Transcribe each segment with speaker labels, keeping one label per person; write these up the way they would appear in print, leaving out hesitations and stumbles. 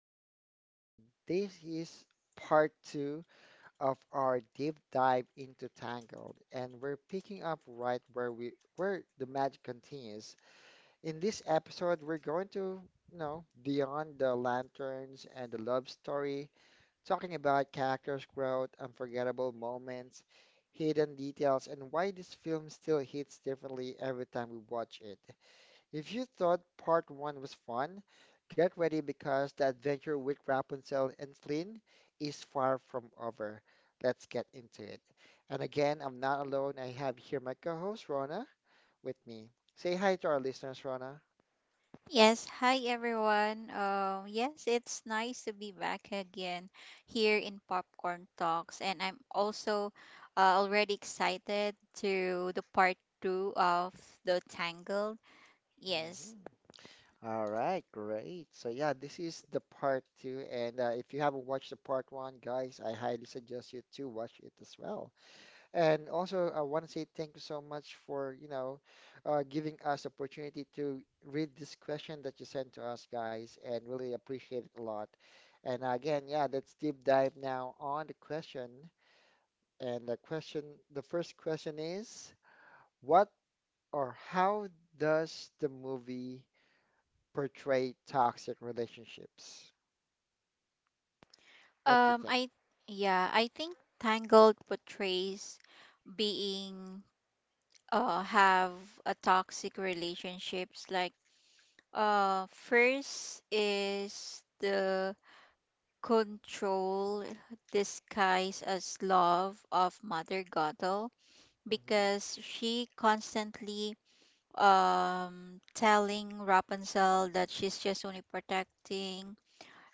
Speaker 1: Talks, and this is part two of our deep dive into Tangled, and we're picking up right where the magic continues. In this episode, we're going to, beyond the lanterns and the love story, talking about characters' growth, unforgettable moments, hidden details, and why this film still hits differently every time we watch it. If you thought part one was fun, get ready because the adventure with Rapunzel and Flynn is far from over. Let's get into it. And again, I'm not alone. I have here my co-host Rona with me. Say hi to our listeners, Rona.
Speaker 2: Yes, hi everyone. Yes, it's nice to be back again here in Popcorn Talks, and I'm also already excited to the part two of the Tangled. Yes.
Speaker 1: Mhm. All right, great. So yeah, this is the part two, and if you haven't watched the part one, guys, I highly suggest you to watch it as well. And also, I want to say thank you so much for, giving us opportunity to read this question that you sent to us, guys, and really appreciate it a lot. And again, yeah, let's deep dive now on the question. And the first question is, what or how does the movie portray toxic relationships? What do you
Speaker 2: Um,
Speaker 1: think?
Speaker 2: I yeah, I think Tangled portrays being have a toxic relationships like first is the control disguised as love of Mother Gothel
Speaker 1: Mm-hmm,
Speaker 2: because she constantly telling Rapunzel that she's just only protecting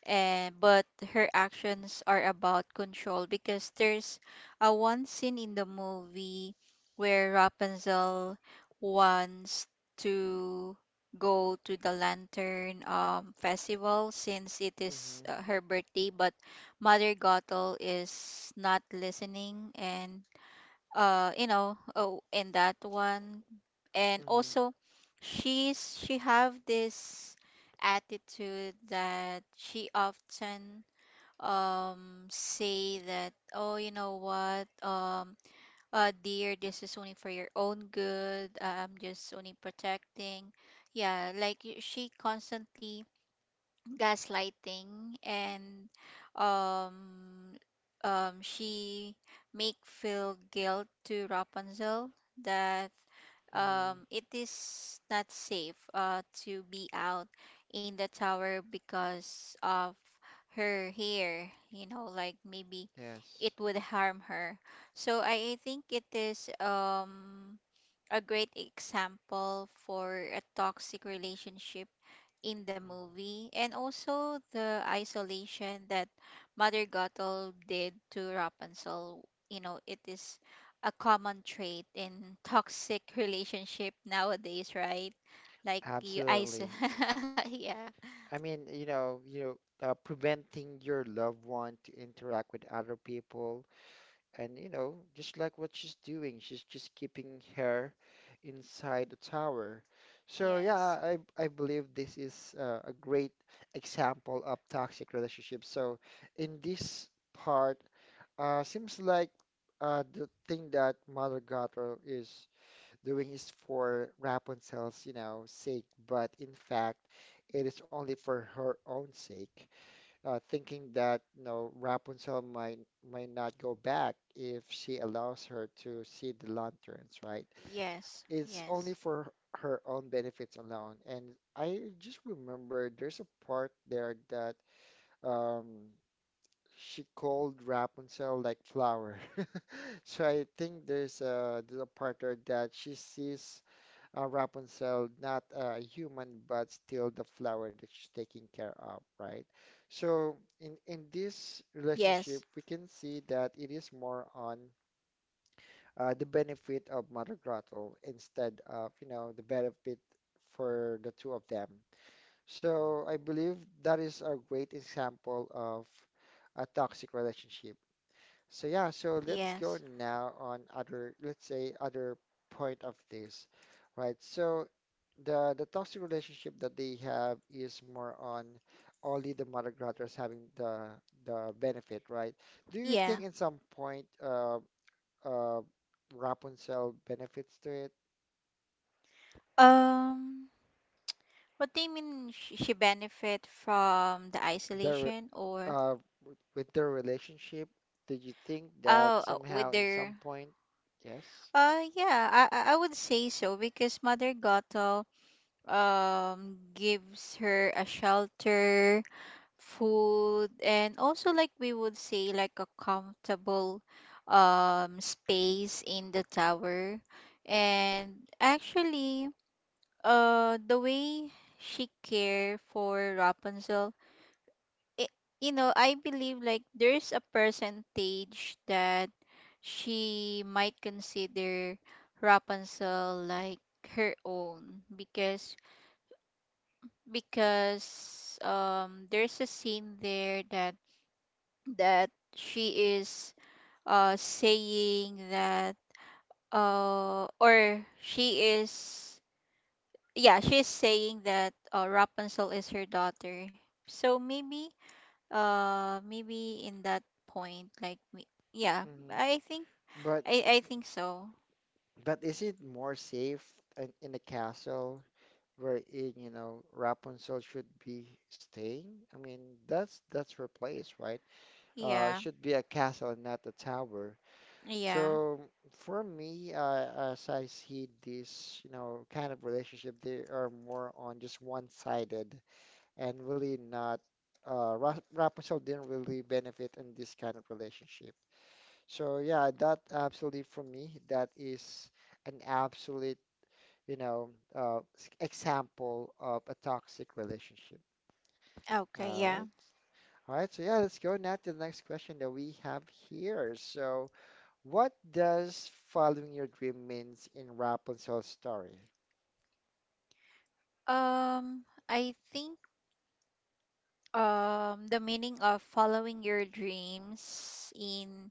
Speaker 2: and but her actions are about control because there's a one scene in the movie where Rapunzel wants to go to the lantern festival since it
Speaker 1: mm-hmm,
Speaker 2: is her birthday but Mother Gothel is not listening and you know oh in that one and
Speaker 1: mm-hmm,
Speaker 2: also she have this attitude that she often say that oh you know what dear this is only for your own good I'm just only protecting yeah like she constantly gaslighting and um she make feel guilt to Rapunzel that
Speaker 1: mm-hmm.
Speaker 2: it is not safe to be out in the tower because of her hair you know like maybe
Speaker 1: Yes.
Speaker 2: it would harm her so I think it is a great example for a toxic relationship in the
Speaker 1: Mhm.
Speaker 2: movie and also the isolation that Mother Gothel did to Rapunzel. You know, it is a common trait in toxic relationship nowadays, right? Like you isolate.
Speaker 1: Absolutely.
Speaker 2: yeah.
Speaker 1: I mean, preventing your loved one to interact with other people, and you know, just like what she's doing, she's just keeping her inside the tower. So yeah,
Speaker 2: Yes.
Speaker 1: I believe this is a great example of toxic relationships. So in this part, seems like the thing that Mother Gothel is doing is for Rapunzel's, you know, sake, but in fact, it is only for her own sake, thinking that, you know, Rapunzel might not go back if she allows her to see the lanterns, right?
Speaker 2: Yes. Yes.
Speaker 1: It's only for her own benefits alone. And I just remember there's a part there that um, she called Rapunzel like flower. So I think there's a part there that she sees Rapunzel, not a human, but still the flower that she's taking care of, right? So in this
Speaker 2: Yes.
Speaker 1: relationship, we can see that it is more on the benefit of Mother Grottle instead of, you know, the benefit for the two of them. So I believe that is a great example of a toxic relationship. So yeah, so let's go
Speaker 2: Yes.
Speaker 1: now on other, let's say other point of this, right? So the toxic relationship that they have is more on only the mother gratters having the benefit, right? Do you think
Speaker 2: Yeah.
Speaker 1: in some point uh Rapunzel benefits to it?
Speaker 2: Um. What do you mean? She benefit from the
Speaker 1: Their
Speaker 2: isolation or
Speaker 1: uh w- with their relationship, did you think that
Speaker 2: oh, with
Speaker 1: somehow in some
Speaker 2: their
Speaker 1: point, yes?
Speaker 2: Yeah, I would say so because Mother Gato gives her a shelter, food, and also like we would say like a comfortable space in the tower. And actually, the way she care for Rapunzel i- you know, I believe like there's a percentage that she might consider Rapunzel like her own because there's a scene there that she is saying that or she is yeah she's saying that Rapunzel is her daughter so maybe maybe in that point, like, yeah,
Speaker 1: Hmm.
Speaker 2: I think,
Speaker 1: But
Speaker 2: I think so.
Speaker 1: is it more safe in a castle wherein, you know, Rapunzel should be staying? I mean, that's her place, right? It
Speaker 2: Yeah,
Speaker 1: should be a castle, not a tower.
Speaker 2: yeah.
Speaker 1: So for me, as I see this, you know, kind of relationship, they are more on just one-sided and really not. Ra Rapunzel didn't really benefit in this kind of relationship. So yeah, that absolutely for me, that is an absolute, you know, example of a toxic relationship.
Speaker 2: Okay,
Speaker 1: All right.
Speaker 2: yeah.
Speaker 1: All right, so yeah, let's go now to the next question that we have here. So, what does following your dream means in Rapunzel's story?
Speaker 2: I think the meaning of following your dreams in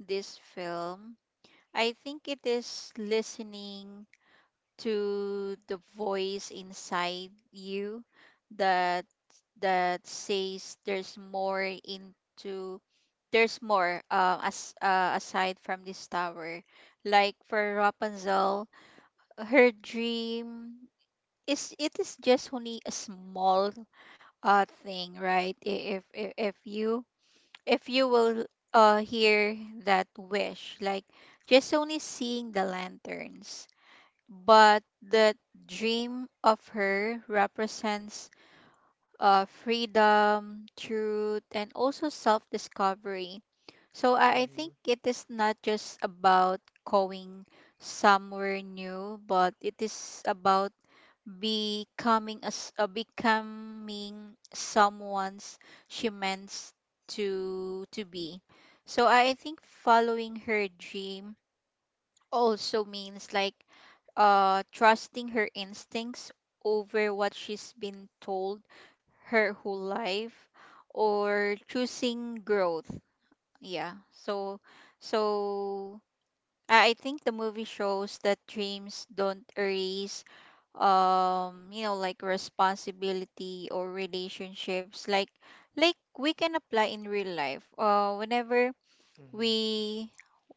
Speaker 2: this film, I think it is listening to the voice inside you that that says there's more as aside from this tower like for Rapunzel her dream is it is just only a small thing right if if you if you will hear that wish like just only seeing the lanterns but that dream of her represents freedom, truth, and also self discovery. So I
Speaker 1: Mm-hmm,
Speaker 2: think it is not just about going somewhere new, but it is about becoming as becoming someone's she meant to be. So I think following her dream also means like trusting her instincts over what she's been told her whole life or choosing growth yeah so so i I think the movie shows that dreams don't erase you know like responsibility or relationships like we can apply in real life whenever
Speaker 1: mm-hmm.
Speaker 2: we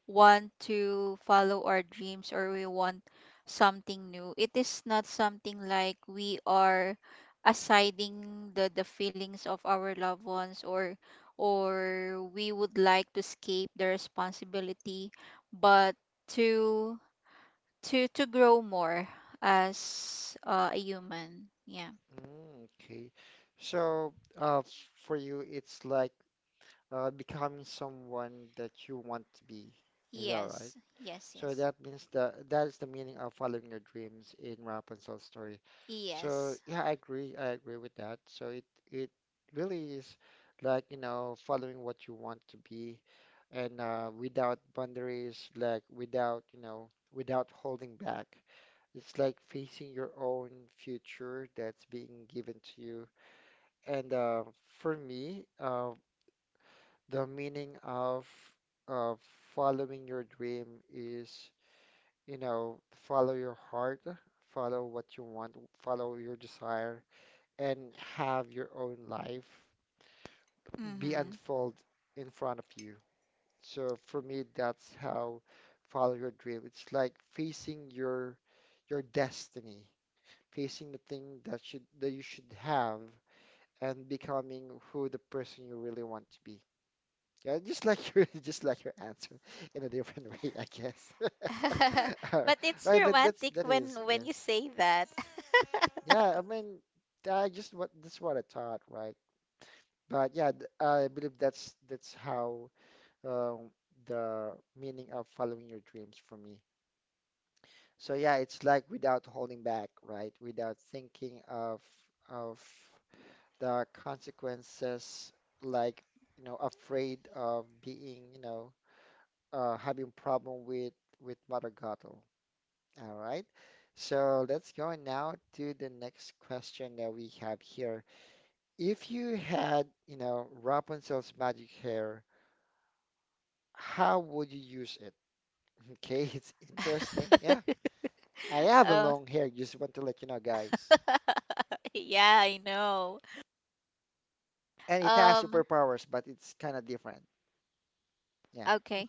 Speaker 2: want to follow our dreams or we want something new it is not something like we are assiding the feelings of our loved ones or we would like to escape the responsibility but to to grow more as a human yeah
Speaker 1: Mm, okay. So, for you, it's like becoming someone that you want to be. Is that right?
Speaker 2: yes yes
Speaker 1: So
Speaker 2: yes
Speaker 1: that means that that is the meaning of following your dreams in Rapunzel's story. So
Speaker 2: yes
Speaker 1: yeah, I agree. I agree with that. So it really is like, you know, following what you want to be and without boundaries, like without, you know, without holding back. It's like facing your own future that's being given to you. And for me, the meaning of of following your dream is you know, follow your heart, follow what you want, follow your desire, and have your own life be
Speaker 2: mm-hmm.
Speaker 1: unfold in front of you. So for me, that's how follow your dream. It's like facing your destiny, facing the thing that you should have, and becoming who the person you really want to be. Yeah, just like your just like your answer in a different way, I guess. All
Speaker 2: but it's
Speaker 1: right, but that's
Speaker 2: romantic
Speaker 1: that is
Speaker 2: when
Speaker 1: yes.
Speaker 2: you say that.
Speaker 1: Yeah, I mean, I just what that's what I thought, right? But yeah, I believe that's how um, the meaning of following your dreams for me. So yeah, it's like without holding back, right? Without thinking of of the consequences, like you know, afraid of being, you know, having problem with Mother Gothel. All right. So let's go now to the next question that we have here. If you had, you know, Rapunzel's magic hair, how would you use it? Okay, it's interesting. Yeah, I have a
Speaker 2: Oh.
Speaker 1: long hair, just want to let you know, guys.
Speaker 2: yeah, I know.
Speaker 1: And it has
Speaker 2: Um,
Speaker 1: superpowers, but it's kind of different. Yeah.
Speaker 2: okay.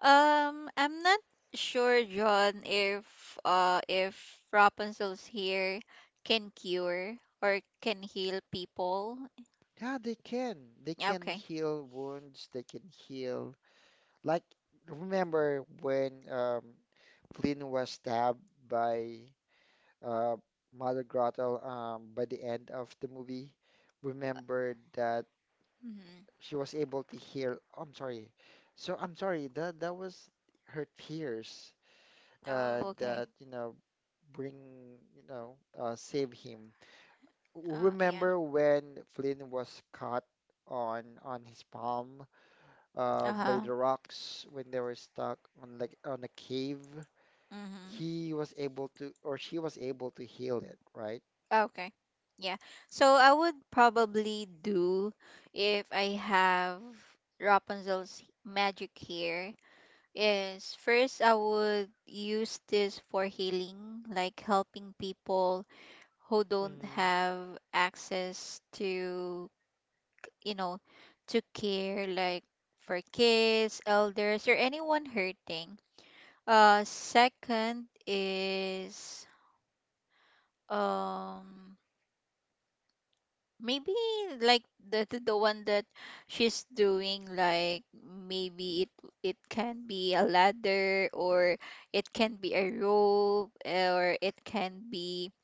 Speaker 2: I'm not sure, John, if Rapunzel's hair can cure or can heal people.
Speaker 1: Yeah, they can. They can
Speaker 2: Okay.
Speaker 1: heal wounds, they can heal. Like, remember when Flynn was stabbed by uh, Mother Grottle by the end of the movie? Remember that
Speaker 2: Mm-hmm.
Speaker 1: she was able to hear. I'm sorry. So I'm sorry. That that was her tears
Speaker 2: Oh, okay.
Speaker 1: that you know bring you know save him.
Speaker 2: Yeah.
Speaker 1: Remember when Flynn was caught on his palm by
Speaker 2: Uh-huh.
Speaker 1: the rocks when they were stuck on like on a cave?
Speaker 2: Mm-hmm.
Speaker 1: He was able to, or she was able to heal it, right?
Speaker 2: Okay. Yeah. So I would probably do if I have Rapunzel's magic here is first I would use this for healing, like helping people who don't
Speaker 1: Mm-hmm.
Speaker 2: have access to, you know, to care like for kids, elders or anyone hurting. Second is um maybe like the one that she's doing like maybe it can be a ladder or it can be a rope or it can be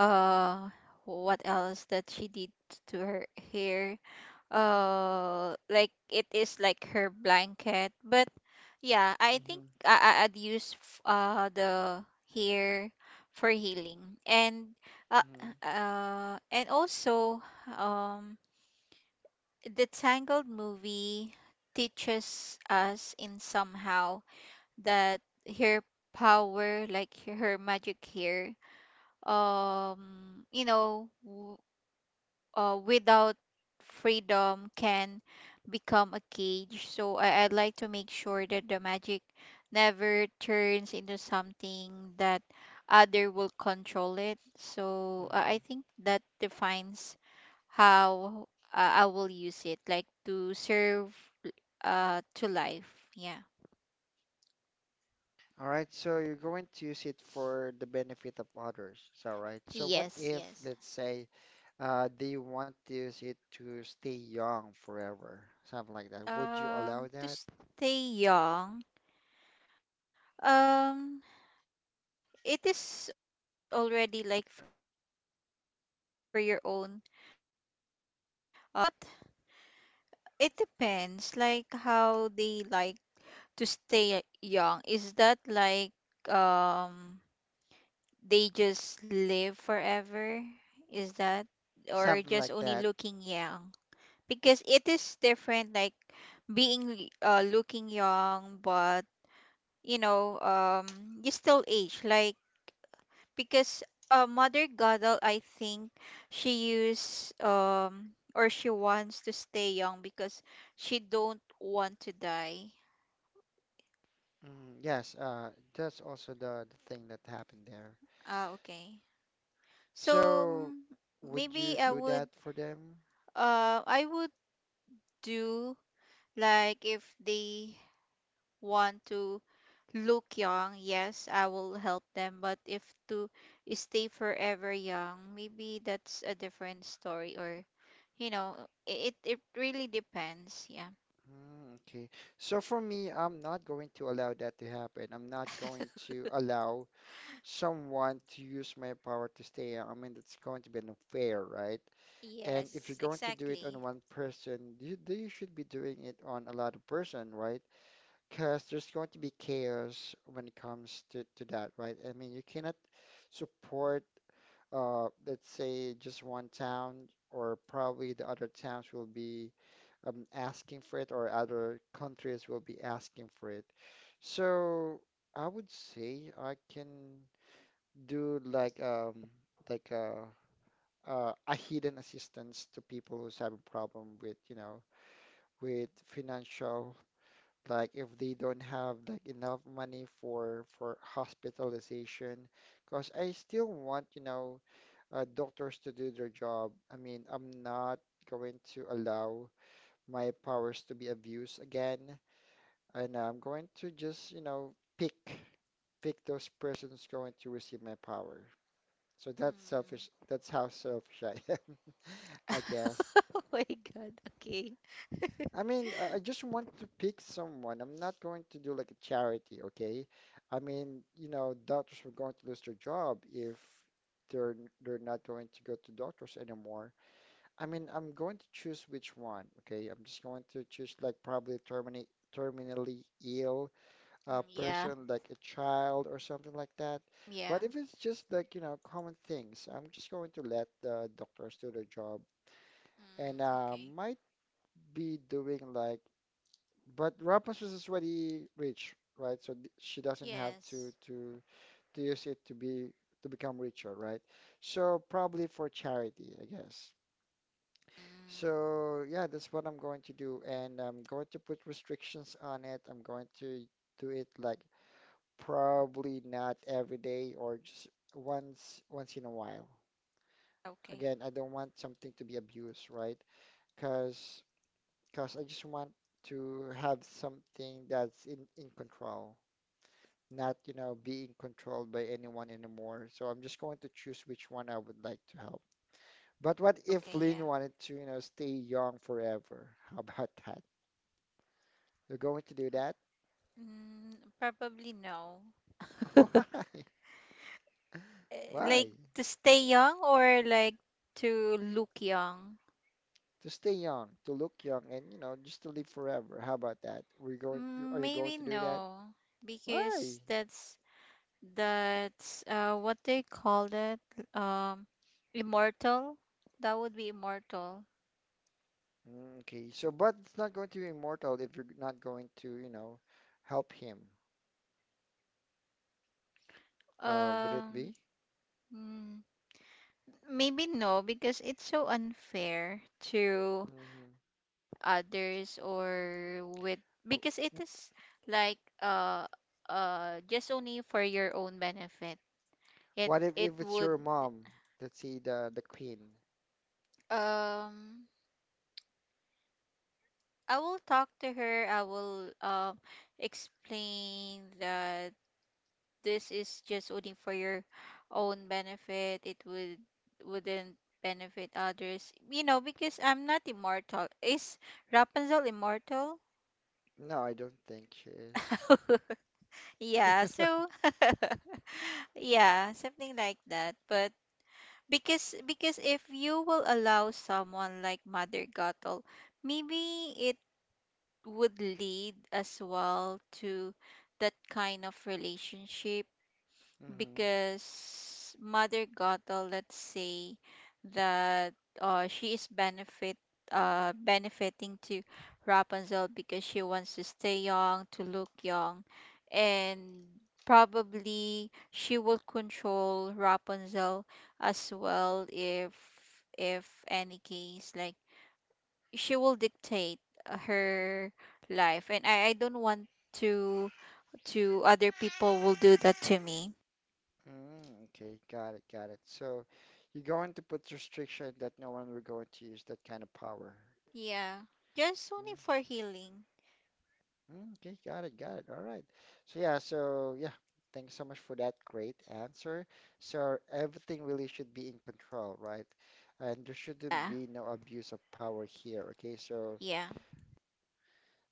Speaker 2: uh what else that she did to her hair like it is like her blanket but yeah I think I'd use the hair for healing uh,
Speaker 1: Mm-hmm.
Speaker 2: and also um the tangled movie teaches us in somehow that her power like her magic hair you know without freedom can become a cage. So I'd like to make sure that the magic never turns into something that other will control it. So
Speaker 1: Mm-hmm.
Speaker 2: I think that defines how I will use it, like to serve to life. Yeah.
Speaker 1: All right, so you're going to use it for the benefit of others. So, right. So, what
Speaker 2: Yes,
Speaker 1: if,
Speaker 2: yes.
Speaker 1: let's say, they want to use it to stay young forever, something like that. Would you allow
Speaker 2: To
Speaker 1: that?
Speaker 2: stay young. Um, it is already like benefit. But it depends, like how they like to stay young. Is that like um they just live forever? Is that or
Speaker 1: Something
Speaker 2: just
Speaker 1: like
Speaker 2: only
Speaker 1: that.
Speaker 2: looking young? Because it is different, like being looking young, but you know you still age. Like because Mother Gadal, I think she used or she wants to stay young because she don't want to die.
Speaker 1: Mm, yes, that's also the thing that happened there.
Speaker 2: Ah, okay. So
Speaker 1: So,
Speaker 2: mm,
Speaker 1: would
Speaker 2: maybe
Speaker 1: you
Speaker 2: I
Speaker 1: do
Speaker 2: would
Speaker 1: that for them?
Speaker 2: uh I would do like if they want to look young, yes, I will help them. But if to stay forever young, maybe that's a different story or you know, it really depends. Yeah.
Speaker 1: Mm, okay. So for me, I'm not going to allow that to happen. I'm not going to allow someone to use my power to stay. I mean, that's going to be unfair, right? And
Speaker 2: Yes,
Speaker 1: if you're going to do it
Speaker 2: exactly.
Speaker 1: on one person, you, then you should be doing it on a lot of person, right? Because there's going to be chaos when it comes to that, right? I mean, you cannot support, let's say, just one town, or probably the other towns will be asking for it, or other countries will be asking for it. So I would say I can do like a hidden assistance to people who's having problem with you know with financial like if they don't have like enough money for hospitalization because I still want you know doctors to do their job. I mean, I'm not going to allow my powers to be abused again, and I'm going to just you know pick pick those persons going to receive my power. So that's
Speaker 2: Mm.
Speaker 1: selfish. That's how selfish I am, I guess.
Speaker 2: Oh my God. Okay.
Speaker 1: I mean, I just want to pick someone. I'm not going to do like a charity, okay? I mean, you know, doctors are going to lose their job if they're they're not going to go to doctors anymore. I mean, I'm going to choose which one, okay? I'm just going to choose like probably terminate terminally ill
Speaker 2: Mm, yeah,
Speaker 1: person, like a child or something like that. But
Speaker 2: yeah.
Speaker 1: if it's just like, you know, common things, I'm just going to let the doctors do their job and
Speaker 2: Mm, okay.
Speaker 1: might be doing like, but Rapunzel is already rich, right? So she doesn't have to
Speaker 2: Yes.
Speaker 1: to to use it to become richer, right? So probably for charity, I guess.
Speaker 2: Mm,
Speaker 1: So yeah, that's what I'm going to do, and I'm going to put restrictions on it. I'm going to do it like probably not every day or just once in a while.
Speaker 2: okay.
Speaker 1: Again, I don't want something to be abused, right? Because because I just want to have something that's in control, not, you know, being controlled by anyone anymore. So I'm just going to choose which one I would like to help. But what if
Speaker 2: Okay,
Speaker 1: Lynn
Speaker 2: yeah.
Speaker 1: wanted to, you know, stay young forever? How about that? You're going to do that?
Speaker 2: Mm, probably no.
Speaker 1: Why?
Speaker 2: Eh, like
Speaker 1: Why?
Speaker 2: to stay young or like to look young?
Speaker 1: To stay young, to look young, and you know, just to live forever. How about that? We're going, are
Speaker 2: Mm,
Speaker 1: you going
Speaker 2: maybe
Speaker 1: to do that?
Speaker 2: no,
Speaker 1: Why?
Speaker 2: because that's what they call that um immortal. That would be immortal.
Speaker 1: Mm, okay, so but it's not going to be immortal if you're not going to, you know, help him. Would it be?
Speaker 2: Um, mm, maybe no, because it's so unfair to
Speaker 1: Hmm.
Speaker 2: others or with because it is like uh just only for your own benefit. It
Speaker 1: What
Speaker 2: it
Speaker 1: if
Speaker 2: would
Speaker 1: it's your mom? Let's see the queen.
Speaker 2: um I will talk to her. I will explain that this is just only for your own benefit, it would wouldn't benefit others. You know, because I'm not immortal. Is Rapunzel immortal?
Speaker 1: No, I don't think she is.
Speaker 2: Yeah, so yeah, something like that. But because if you will allow someone like Mother Gothel, maybe it would lead as well to that kind of relationship
Speaker 1: Hmm.
Speaker 2: because Mother Gothel, let's say that she is benefit benefiting to Rapunzel because she wants to stay young, to look young, and probably she will control Rapunzel as well if any case like she will dictate her life and I don't want to to other people will do that to me
Speaker 1: Mm, okay, got it, got it. So you're going to put restriction that no one will going to use that kind of power.
Speaker 2: Yeah. Just only
Speaker 1: Mm,
Speaker 2: for healing.
Speaker 1: okay, got it, got it. All right. So yeah, so yeah, thanks so much for that great answer. So everything really should be in control, right? And there shouldn't
Speaker 2: Yeah.
Speaker 1: be no abuse of power here. Okay, so
Speaker 2: Yeah.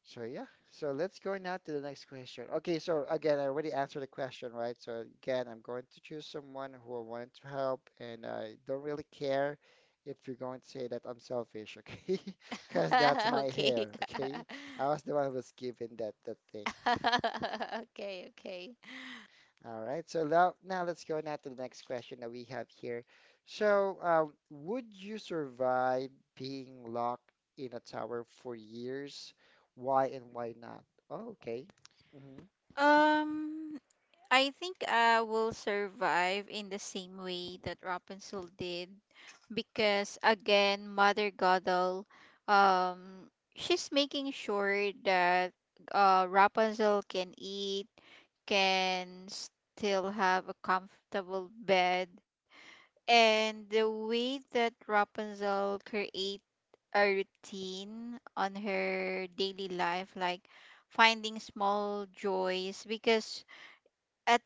Speaker 1: so yeah, so let's go now to the next question. Okay, so again, I already answered the question, right? So again, I'm going to choose someone who I wanted to help, and I don't really care if you're going to say that I'm selfish, okay? Because that's my
Speaker 2: okay.
Speaker 1: hair, okay? I was the one who was given that thing.
Speaker 2: okay, okay.
Speaker 1: All right, so now let's go now to the next question that we have here. So, would you survive being locked in a tower for years? Why and why not? Oh, okay. Mhm.
Speaker 2: Um I think I will survive in the same way that Rapunzel did because again Mother Godel um she's making sure that Rapunzel can eat, can still have a comfortable bed. And the way that Rapunzel create a routine on her daily life, like finding small joys, because at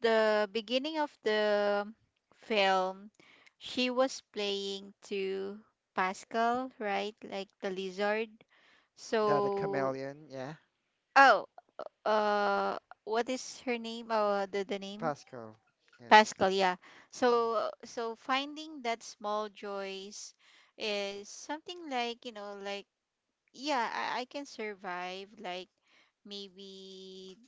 Speaker 2: the beginning of the film, she was playing to Pascal, right? Like the lizard.
Speaker 1: The
Speaker 2: So,
Speaker 1: chameleon, yeah.
Speaker 2: oh, uh, what is her name? Oh, the name?
Speaker 1: Pascal, yes.
Speaker 2: Pascal, yeah. So so finding that small joys is something like, you know, like yeah, I can survive like maybe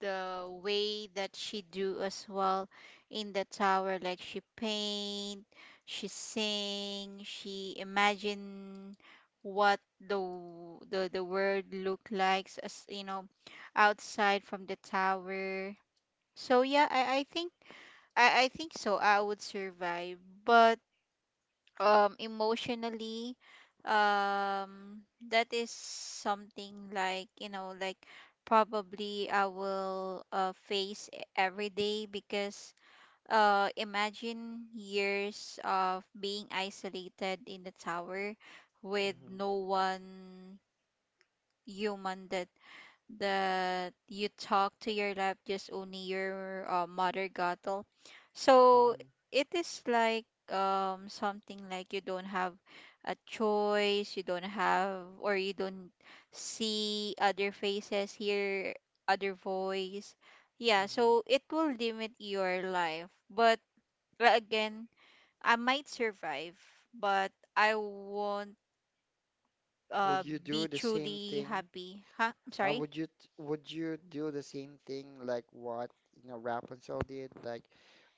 Speaker 2: the way that she do as well in the tower like she paint, she sing, she imagine what the w- the world look like as you know outside from the tower. So yeah, I think I think so. I would survive, but emotionally um that is something like, you know, like probably I will face every day because imagine years of being isolated in the tower with
Speaker 1: Mm-hmm,
Speaker 2: no one human that you talk to your life just only your mother cattle so
Speaker 1: hmm
Speaker 2: it is like something like you don't have a choice you don't have or you don't see other faces hear other voice yeah
Speaker 1: hmm
Speaker 2: so it will limit your life but again I might survive but I won't uh
Speaker 1: Would you
Speaker 2: be
Speaker 1: do the same
Speaker 2: truly
Speaker 1: thing?
Speaker 2: happy huh I'm sorry
Speaker 1: Would you would you do the same thing like what, you know, Rapunzel did? Like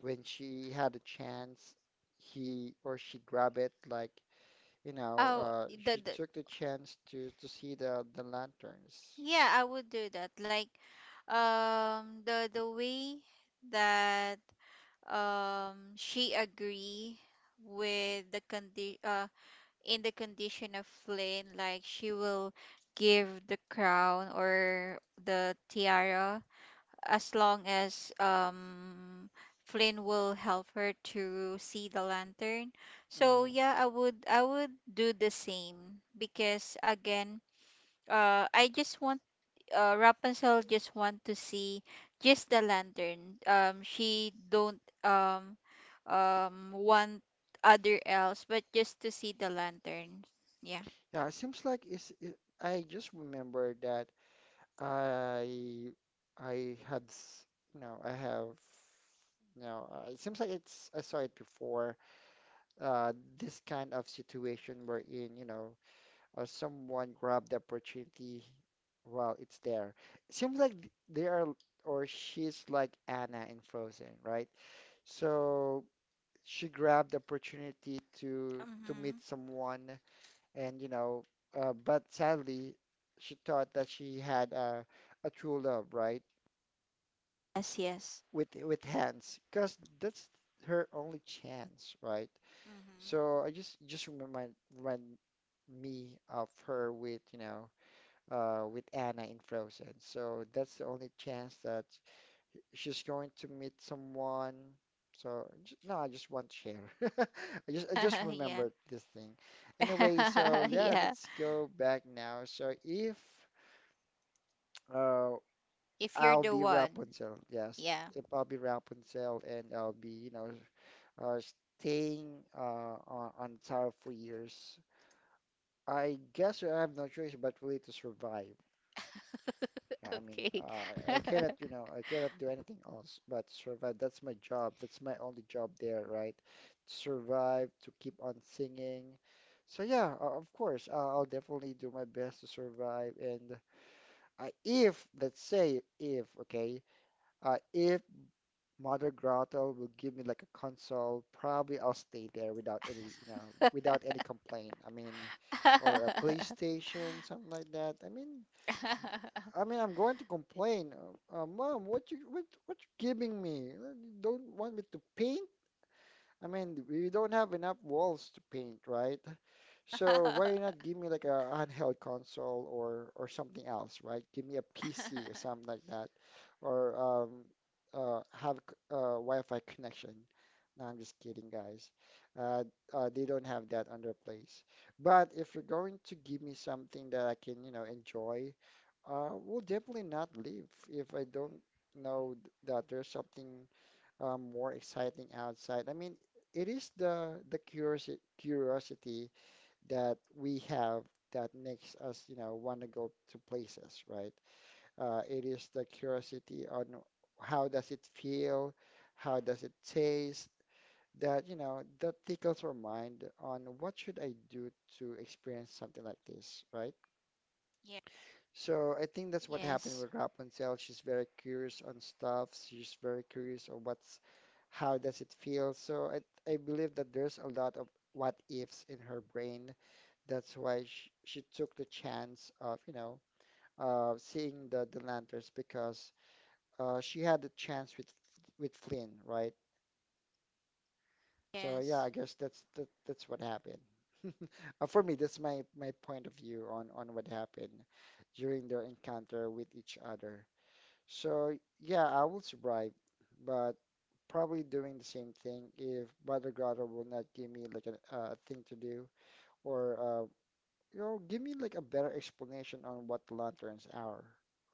Speaker 1: when she had a chance, he or she grabbed it. Like, you know,
Speaker 2: Oh,
Speaker 1: she
Speaker 2: the
Speaker 1: took the chance to see the lanterns.
Speaker 2: Yeah, I would do that. Like, the way that she agree with the condi in the condition of Flynn, like she will give the crown or the tiara as long as Flynn will help her to see the lantern. So
Speaker 1: Hmm.
Speaker 2: yeah, I would do the same because again, I just want Rapunzel just want to see just the lantern. She don't want other else, but just to see the lantern. Yeah.
Speaker 1: Yeah, it seems like I just remember that. I I you know I have it seems like it's I saw it before uh this kind of situation wherein you know, someone grabbed the opportunity while it's there. It seems like they are or she's like Anna in Frozen, right? So she grabbed the opportunity to
Speaker 2: Mm-hmm.
Speaker 1: meet someone and you know, but sadly she thought that she had a true love, right?
Speaker 2: Yes. Yes.
Speaker 1: With hands because that's her only chance, right?
Speaker 2: Mm-hmm.
Speaker 1: So I just remind me of her with you know, with Anna in Frozen. So that's the only chance that she's going to meet someone. So no, I just want to share. I just
Speaker 2: yeah.
Speaker 1: remembered this thing. Anyway, so yeah,
Speaker 2: yeah.
Speaker 1: let's go back now. So if uh,
Speaker 2: If you're
Speaker 1: I'll
Speaker 2: the
Speaker 1: be
Speaker 2: one.
Speaker 1: Rapunzel, yes,
Speaker 2: Yeah.
Speaker 1: if I'll be Rapunzel and I'll be you know, uh, staying on tower for years. I guess I have no choice but really to survive. Yeah, I mean,
Speaker 2: Okay.
Speaker 1: I
Speaker 2: yeah.
Speaker 1: cannot, you know, I cannot do anything else but survive. That's my job. That's my only job there, right? To survive, to keep on singing. So yeah, of course, I'll definitely do my best to survive. And if, let's say, if, okay, if Mother Grotto will give me like a console. Probably I'll stay there without any, you know, without any complaint. I mean, or a PlayStation, something like that. I mean, I'm going to complain. Mom, what you giving me? You don't want me to paint? I mean, we don't have enough walls to paint, right? So why not give me like a handheld console or something else, right? Give me a PC or something like that, or have Wi-Fi connection. No, I'm just kidding, guys. Uh, they don't have that on their place. But if you're going to give me something that I can, you know, enjoy, we'll definitely not leave if I don't know that there's something more exciting outside. I mean, it is the curiosity that we have that makes us, you know, want to go to places, right? It is the curiosity on how does it feel, how does it taste, that, you know, that tickles our mind on what should I do to experience something like this, right? So I think that's what happened with
Speaker 2: yes.
Speaker 1: Rapunzel. She's very curious on stuff. She's very curious on what's, how does it feel. So I believe that there's a lot of what ifs in her brain that's why she took the chance of, you know, seeing the lanterns because she had the chance with Flynn, right? So yeah, I
Speaker 2: Yes.
Speaker 1: guess that's that's what happened. For me, that's my my point of view on what happened during their encounter with each other. So yeah, I will survive, but probably doing the same thing if Mother Gothel will not give me like a thing to do or you know, give me like a better explanation on what lanterns are,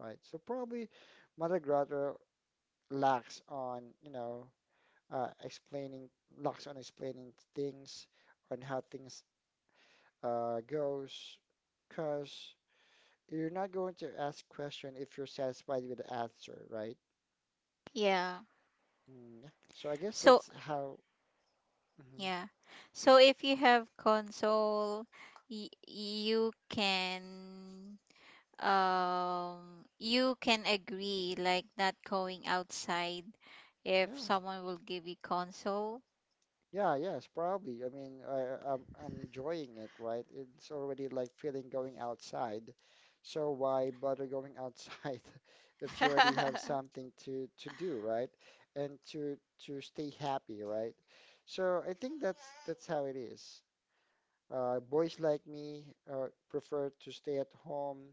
Speaker 1: right? So probably Mother Grotto lacks on, you know, explaining, lacks on explaining things, on how things goes, because you're not going to ask question if you're satisfied with the answer, right?
Speaker 2: Yeah.
Speaker 1: Mm, yeah. So I guess
Speaker 2: So
Speaker 1: that's how, mhm,
Speaker 2: Yeah. So if you have console, y- you can you can agree like not going outside if
Speaker 1: yeah.
Speaker 2: someone will give you console.
Speaker 1: Yeah, yes, probably. I mean, I'm enjoying it, right? It's already like feeling going outside. So why bother going outside if you already have something to do, right? And to stay happy, right? So I think that's how it is. Boys like me prefer to stay at home,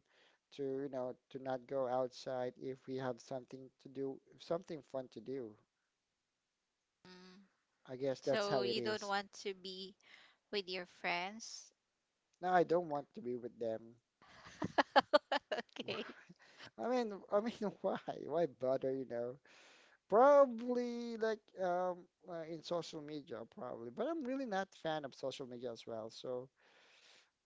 Speaker 1: to you know, to not go outside if we have something to do, something fun to do.
Speaker 2: Mm.
Speaker 1: I guess that's
Speaker 2: So
Speaker 1: how
Speaker 2: you
Speaker 1: it
Speaker 2: don't
Speaker 1: is.
Speaker 2: want to be with your friends.
Speaker 1: No, I don't want to be with them.
Speaker 2: Okay.
Speaker 1: I mean, why? Why bother, you know? Probably like in social media, probably. But I'm really not fan of social media as well. So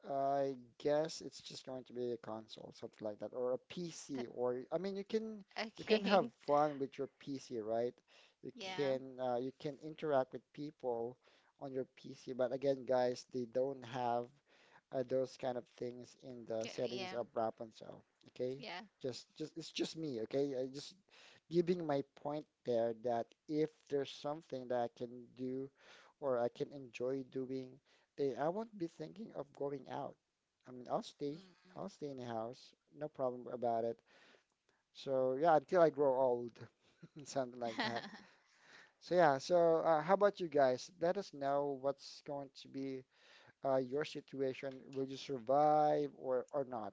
Speaker 1: I guess it's just going to be a console, something like that, or a PC. Or I mean, you can have
Speaker 2: Okay.
Speaker 1: fun with your PC, right?
Speaker 2: Yeah.
Speaker 1: You can interact with people on your PC. But again, guys, they don't have those kind of things in the
Speaker 2: K-
Speaker 1: settings
Speaker 2: Yeah.
Speaker 1: of Rapunzel. Okay,
Speaker 2: Yeah.
Speaker 1: just it's just me. Okay, I just giving my point there that if there's something that I can do or I can enjoy doing, then I won't be thinking of going out. I mean,
Speaker 2: Mm.
Speaker 1: I'll stay in the house, no problem about it. So yeah, until I grow old, something like that. So yeah, so how about you guys? Let us know what's going to be your situation, will you survive or not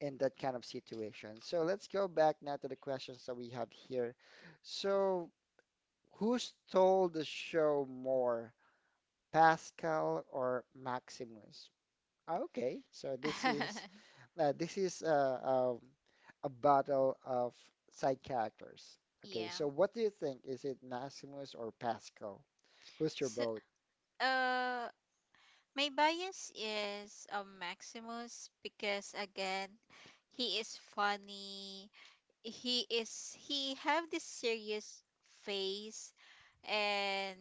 Speaker 1: in that kind of situation? So let's go back now to the questions that we have here. So, who stole the show more, Pascal or Maximus? Okay, so this is uh, this is uh, um, a battle of side characters. Okay,
Speaker 2: Yeah.
Speaker 1: so what do you think? Is it Maximus or Pascal? Who's your
Speaker 2: So,
Speaker 1: vote?
Speaker 2: uh, My bias is Maximus because again, he is funny. He have this serious face and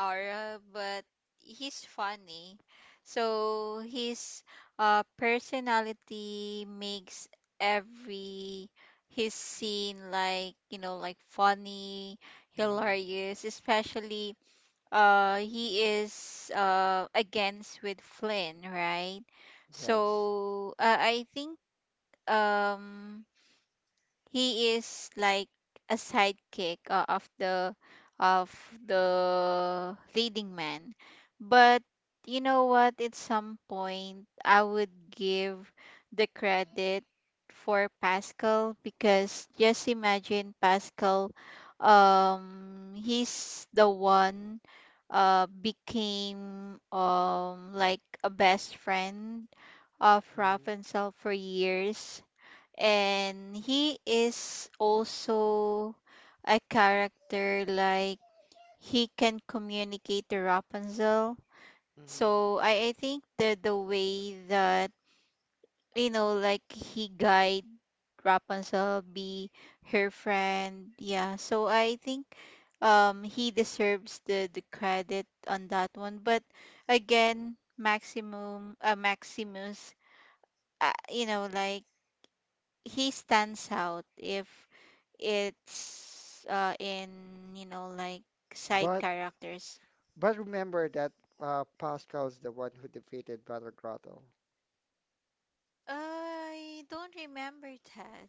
Speaker 2: aura, but he's funny. So his personality makes every his scene like funny,
Speaker 1: Hmm.
Speaker 2: hilarious, especially he is against with Flynn, right?
Speaker 1: Yes.
Speaker 2: So I think um he is like a sidekick of of the leading man but you know what at some point I would give the credit for Pascal because just imagine Pascal he's the one became like a best friend of
Speaker 1: Hmm.
Speaker 2: Rapunzel for years and he is also a character like he can communicate to Rapunzel.
Speaker 1: Hmm.
Speaker 2: So I think the way that you know like he guide Rapunzel be her friend. Yeah. So I think he deserves the credit on that one. But again, Maximum Maximus you know like he stands out if it's in you know like side
Speaker 1: But
Speaker 2: characters.
Speaker 1: But remember that Pascal's the one who defeated Battle Grotto.
Speaker 2: I don't remember that.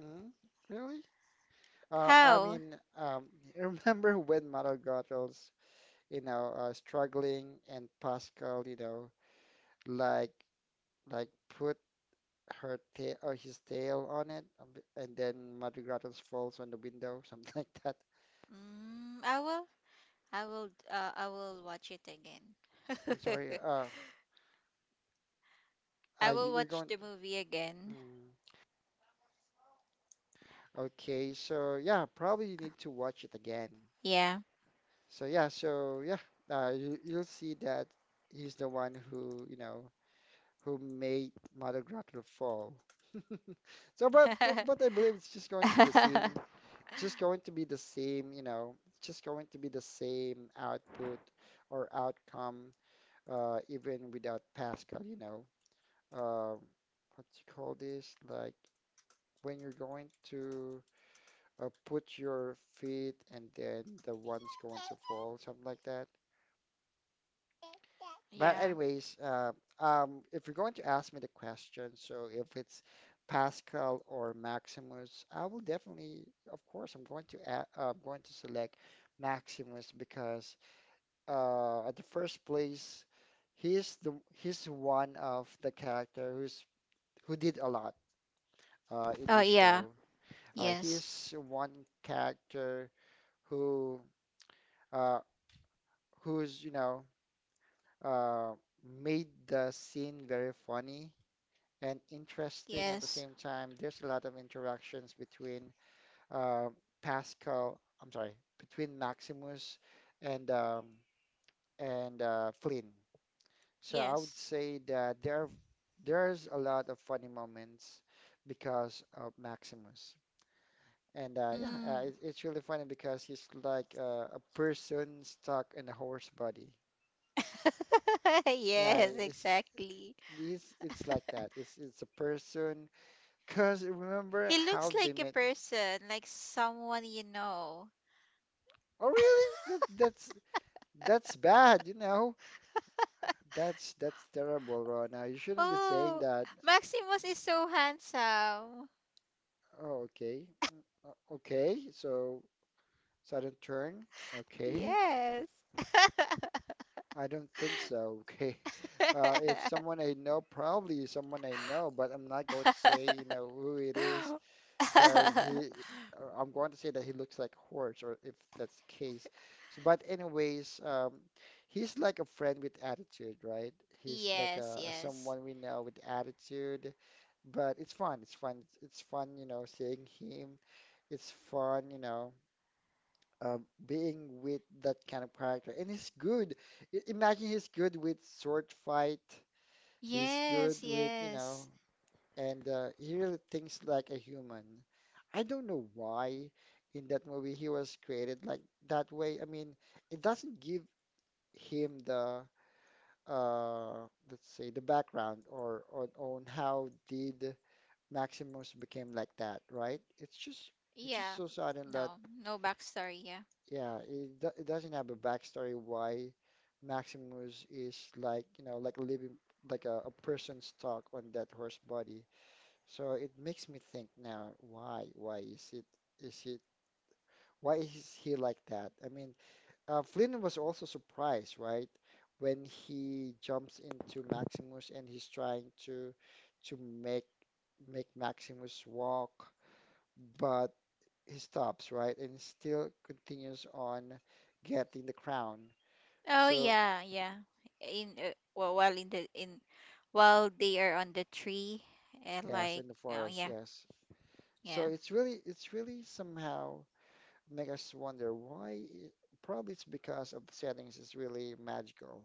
Speaker 1: Hmm? Really? I
Speaker 2: How?
Speaker 1: mean, remember when Battle Grotto's, you know, struggling and Pascal, you know, like like put her tail or his tail on it, and then Battle Grotto's falls on the window, something like that.
Speaker 2: Mm, I will. I will. I will watch it again.
Speaker 1: I'm sorry.
Speaker 2: I will
Speaker 1: You're
Speaker 2: watch
Speaker 1: going.
Speaker 2: the movie again.
Speaker 1: Mm, okay, so yeah, probably you need to watch it again.
Speaker 2: Yeah.
Speaker 1: So yeah, you'll see that he's the one who, you know, who made Mother Grotler fall. So, but I believe it's just going to be the same. It's just going to be the same, you know. It's just going to be the same output or outcome, even without Pascal, you know. Uh, what do you call this? Like when you're going to put your feet and then the one's going to fall, something like that. But
Speaker 2: Yeah.
Speaker 1: anyways, if you're going to ask me the question, so if it's Pascal or Maximus, I will definitely, of course, I'm going to select Maximus because at the first place, he's one of the character who's who did a lot in
Speaker 2: Oh
Speaker 1: this
Speaker 2: yeah.
Speaker 1: show.
Speaker 2: Yes,
Speaker 1: He's one character who uh, who's you know, uh, made the scene very funny and interesting at the
Speaker 2: yes.
Speaker 1: same time. There's a lot of interactions between uh, Pascal, I'm sorry, between Maximus and Flynn. So I would
Speaker 2: Yes.
Speaker 1: say that there's a lot of funny moments because of Maximus. And yeah,
Speaker 2: Mm.
Speaker 1: it's really funny because he's like a person stuck in a horse body. Yeah,
Speaker 2: Yes.
Speaker 1: it's
Speaker 2: Exactly.
Speaker 1: it's like that. It's a person. Cause remember
Speaker 2: He looks
Speaker 1: how they
Speaker 2: like a
Speaker 1: met.
Speaker 2: person, like someone you know.
Speaker 1: Oh, really? That's bad, you know. That's terrible, Rona. You shouldn't be saying
Speaker 2: Oh,
Speaker 1: that.
Speaker 2: Maximus is so handsome.
Speaker 1: Oh, okay. Mm, okay. So sudden turn. Okay.
Speaker 2: Yes.
Speaker 1: I don't think so. Okay. If someone I know, probably someone I know, but I'm not going to say, you know, who it is. Because he I'm going to say that he looks like a horse or if that's the case. So but anyways, he's like a friend with attitude, right? He's like
Speaker 2: Yes,
Speaker 1: a,
Speaker 2: yes.
Speaker 1: someone we know with attitude, but it's fun. It's fun. It's fun, you know, seeing him. It's fun, uh, being with that kind of character. And he's good. I imagine he's good with sword fight. He's good
Speaker 2: Yes,
Speaker 1: with, you know,
Speaker 2: yes.
Speaker 1: and he really thinks like a human. I don't know why in that movie he was created like that way. I mean, it doesn't give him the let's say the background or on how did Maximus became like that, right? It's
Speaker 2: Yeah.
Speaker 1: just so sudden
Speaker 2: No,
Speaker 1: that
Speaker 2: no backstory, yeah.
Speaker 1: yeah, it doesn't have a backstory why Maximus is like, you know, like living like a person stuck on that horse body. So it makes me think now, why? Why is it? Is it? Why is he like that? I mean, Flynn was also surprised, right? When he jumps into Maximus and he's trying to make Maximus walk, but he stops, right? And still continues on getting the crown.
Speaker 2: Oh
Speaker 1: So
Speaker 2: yeah, yeah. In wh- while in the in While they are on the tree and
Speaker 1: yes,
Speaker 2: like
Speaker 1: in the
Speaker 2: oh
Speaker 1: forest,
Speaker 2: yeah,
Speaker 1: yes. So
Speaker 2: yeah.
Speaker 1: it's really somehow make us wonder why. Probably it's because of the settings is really magical.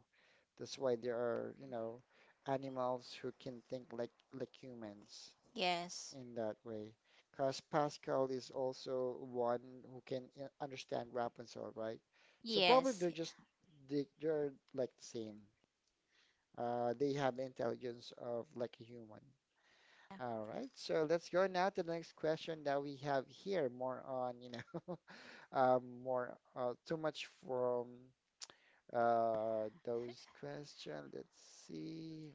Speaker 1: That's why there are, you know, animals who can think like humans
Speaker 2: Yes.
Speaker 1: in that way. Because Pascal is also one who can understand Rapunzel, right? So probably
Speaker 2: Yes.
Speaker 1: they're like the same. They have the intelligence of like a human.
Speaker 2: Yeah.
Speaker 1: All right, so let's go now to the next question that we have here, more on, you know. More too much from those questions. Let's see.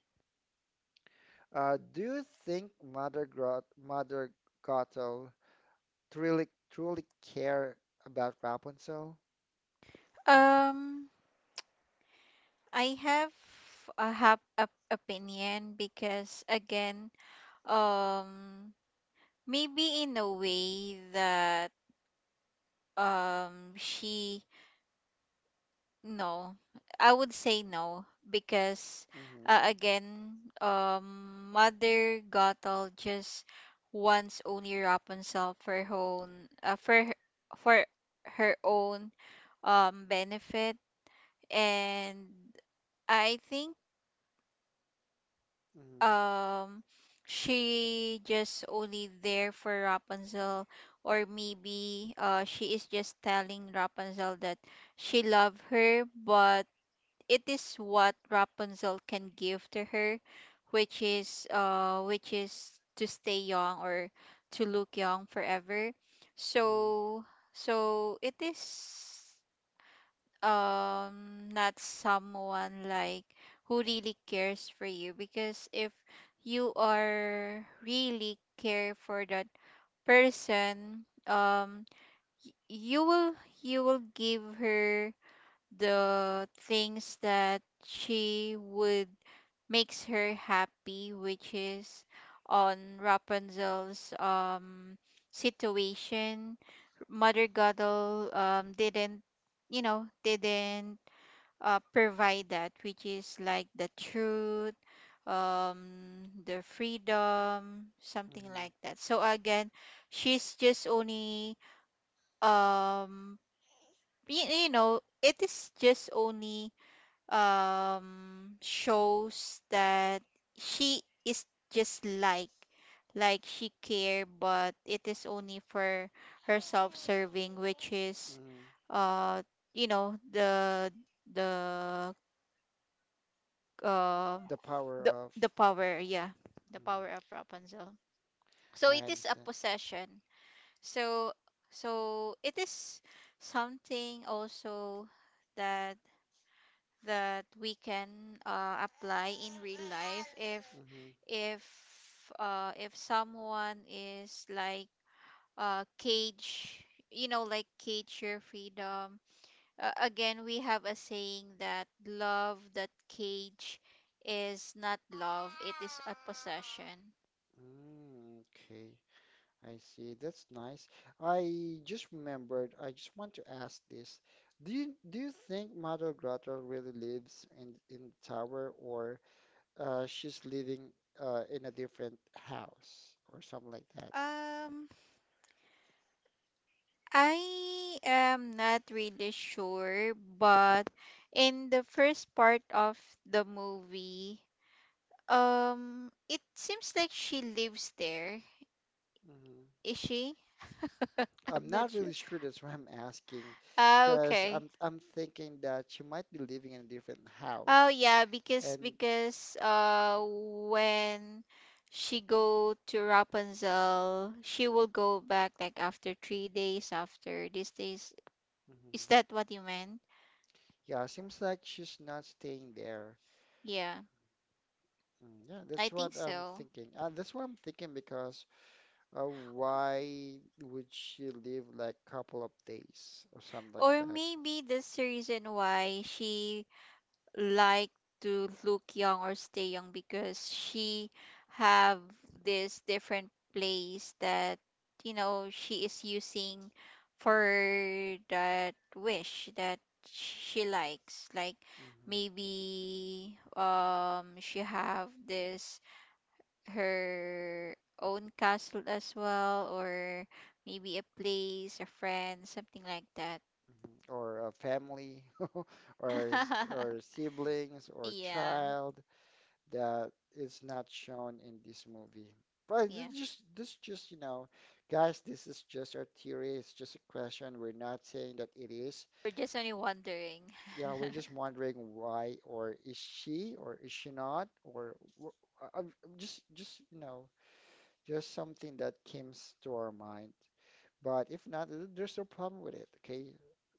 Speaker 1: Do you think Mother Gothel truly care about Rapunzel?
Speaker 2: Um I have a opinion because again, um, maybe in a way that she no, I would say no because
Speaker 1: Mm-hmm,
Speaker 2: again, Mother Gothel just wants only Rapunzel for her own for her own benefit and I think
Speaker 1: mm-hmm,
Speaker 2: um she just only there for Rapunzel or maybe she is just telling Rapunzel that she love her but it is what Rapunzel can give to her which is to stay young or to look young forever
Speaker 1: mm-hmm,
Speaker 2: so so it is not someone like who really cares for you because if you are really care for that person y- you will you will give her the things that she would makes her happy which is on Rapunzel's situation Mother Gothel didn't you know didn't provide that, which is like the truth, the freedom, something
Speaker 1: mm-hmm,
Speaker 2: like that. So again, she's just only, um, you, you know, it is just only shows that she is just like she care but it is only for her self-serving which is
Speaker 1: mm-hmm.
Speaker 2: uh you know the uh,
Speaker 1: The power
Speaker 2: the
Speaker 1: of.
Speaker 2: the power, yeah, the
Speaker 1: Mhm.
Speaker 2: power of Rapunzel. So
Speaker 1: I
Speaker 2: it is a
Speaker 1: understand.
Speaker 2: possession. So so it is something also that that we can apply in real life
Speaker 1: Mm-hmm.
Speaker 2: if if someone is like cage you know like cage your freedom again we have a saying that love that cage is not love, it is a possession.
Speaker 1: Mm, okay. I see. That's nice. I just remembered, I just want to ask this. Do you think Mother Grotto really lives in the tower, or she's living in a different house or something like that?
Speaker 2: um I am not really sure but in the first part of the movie it seems like she lives there.
Speaker 1: Hmm.
Speaker 2: Is she
Speaker 1: I'm
Speaker 2: I'm not
Speaker 1: not
Speaker 2: sure.
Speaker 1: really sure, that's why I'm asking,
Speaker 2: Ah,
Speaker 1: because 'cause
Speaker 2: okay.
Speaker 1: I'm thinking that she might be living in a different
Speaker 2: Oh
Speaker 1: house.
Speaker 2: yeah,
Speaker 1: And
Speaker 2: because when she go to Rapunzel, she will go back like after 3 days after these days. Is
Speaker 1: mhm.
Speaker 2: that what you meant?
Speaker 1: Yeah, seems like she's not staying there.
Speaker 2: Yeah,
Speaker 1: Mm. Yeah,
Speaker 2: I
Speaker 1: that's what
Speaker 2: think
Speaker 1: I'm
Speaker 2: so.
Speaker 1: thinking. That's what I'm thinking because why would she leave like couple of days or something like
Speaker 2: Or
Speaker 1: that?
Speaker 2: maybe that's the reason why she like to look young or stay young because she have this different place that you know she is using for that wish that she likes like
Speaker 1: Hmm.
Speaker 2: maybe she have this her own castle as well or maybe a place a friend something like that.
Speaker 1: Hmm. Or a family, or or siblings, or
Speaker 2: Yeah.
Speaker 1: child that is not shown in this movie. But
Speaker 2: Yeah.
Speaker 1: this just, you know, guys, this is just our theory. It's just a question. We're not saying that it is.
Speaker 2: We're just only wondering.
Speaker 1: Yeah, we're just wondering why, or is she not, or wh- I'm just, you know, just something that comes to our mind. But if not, there's no problem with it, okay?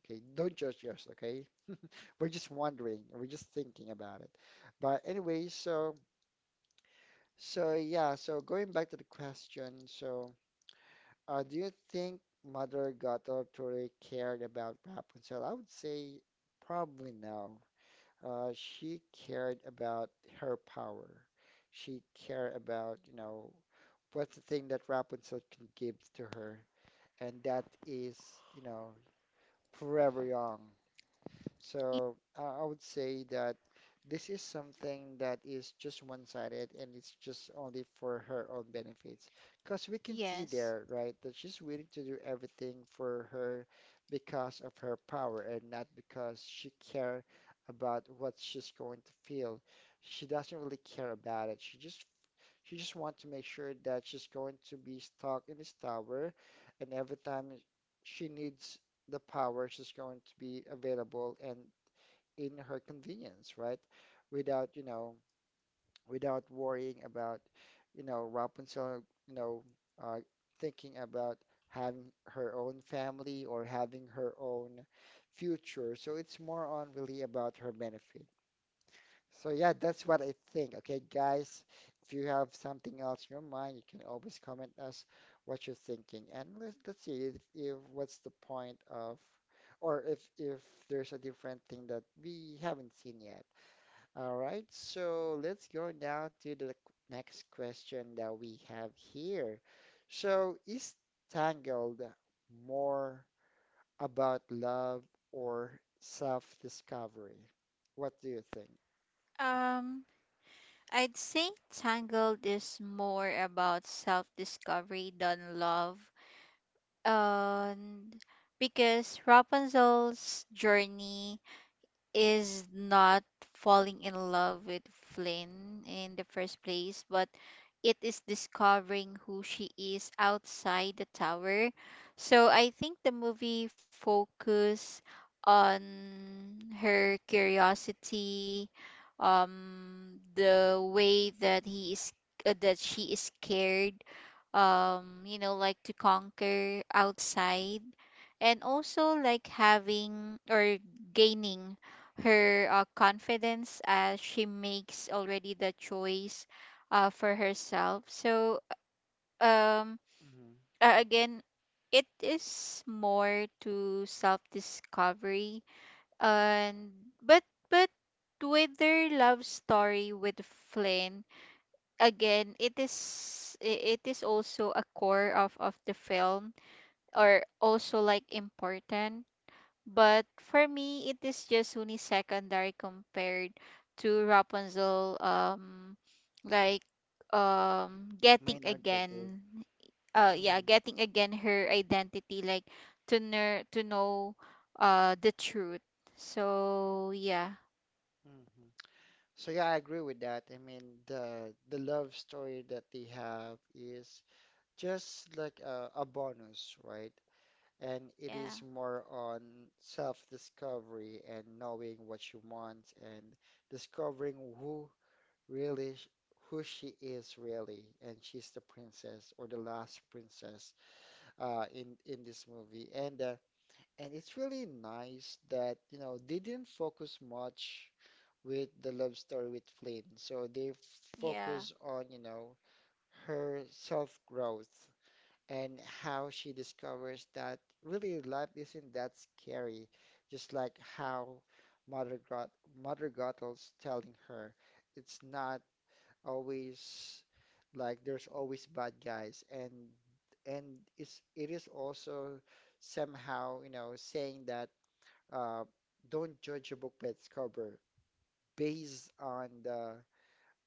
Speaker 1: Okay, don't judge us, okay? We're just wondering, we're just thinking about it. But anyway, so yeah, so going back to the question, so do you think Mother Gato truly cared about Rapunzel? I would say probably no. She cared about her power. She cared about, you know, what's the thing that Rapunzel can give to her, and that is, you know, forever young.
Speaker 2: Y-
Speaker 1: So I would say that this is something that is just one-sided, and it's just only for her own benefits. Because we can see
Speaker 2: Yes.
Speaker 1: there, right, that she's willing to do everything for her because of her power and not because she care about what she's going to feel. She doesn't really care about it. She just wants to make sure that she's going to be stuck in this tower, and every time she needs the power, she's going to be available and in her convenience, right? Without, you know, without worrying about, you know, Rapunzel, you know, uh, thinking about having her own family or having her own future. So it's more on really about her benefit. So yeah, that's what I think. Okay, guys, if you have something else in your mind, you can always comment us what you're thinking. And let's see if what's the point of, or if there's a different thing that we haven't seen yet. All right, so let's go now to the next question that we have here. So is Tangled more about love or self-discovery? What do you think?
Speaker 2: Um, I'd say Tangled is more about self-discovery than love. And because Rapunzel's journey is not falling in love with Flynn in the first place, but it is discovering who she is outside the tower. So I think the movie focus on her curiosity, the way that he is that she is scared, you know, like to conquer outside and also like having or gaining her confidence as she makes already the choice for herself so um
Speaker 1: Mhm.
Speaker 2: again it is more to self discovery and but but with their love story with Flynn again it is also a core of the film or also like important but for me, it is just only secondary compared to Rapunzel, like getting
Speaker 1: Main objective.
Speaker 2: again, yeah,
Speaker 1: Hmm.
Speaker 2: getting again her identity, like to know the truth. So yeah.
Speaker 1: Hmm. So yeah, I agree with that. I mean, the love story that they have is just like a bonus, right? And it is
Speaker 2: Yeah.
Speaker 1: more on self-discovery and knowing what you want, and discovering who really sh- who she is really, and she's the princess or the last princess in this movie. And it's really nice that you know they didn't focus much with the love story with Flynn. So they
Speaker 2: Yeah.
Speaker 1: focus on, you know, her self-growth and how she discovers that really life isn't that scary, just like how Mother Grot Mother Gothels telling her, it's not always like there's always bad guys, and it is also somehow, you know, saying that uh don't judge a book by its cover based on the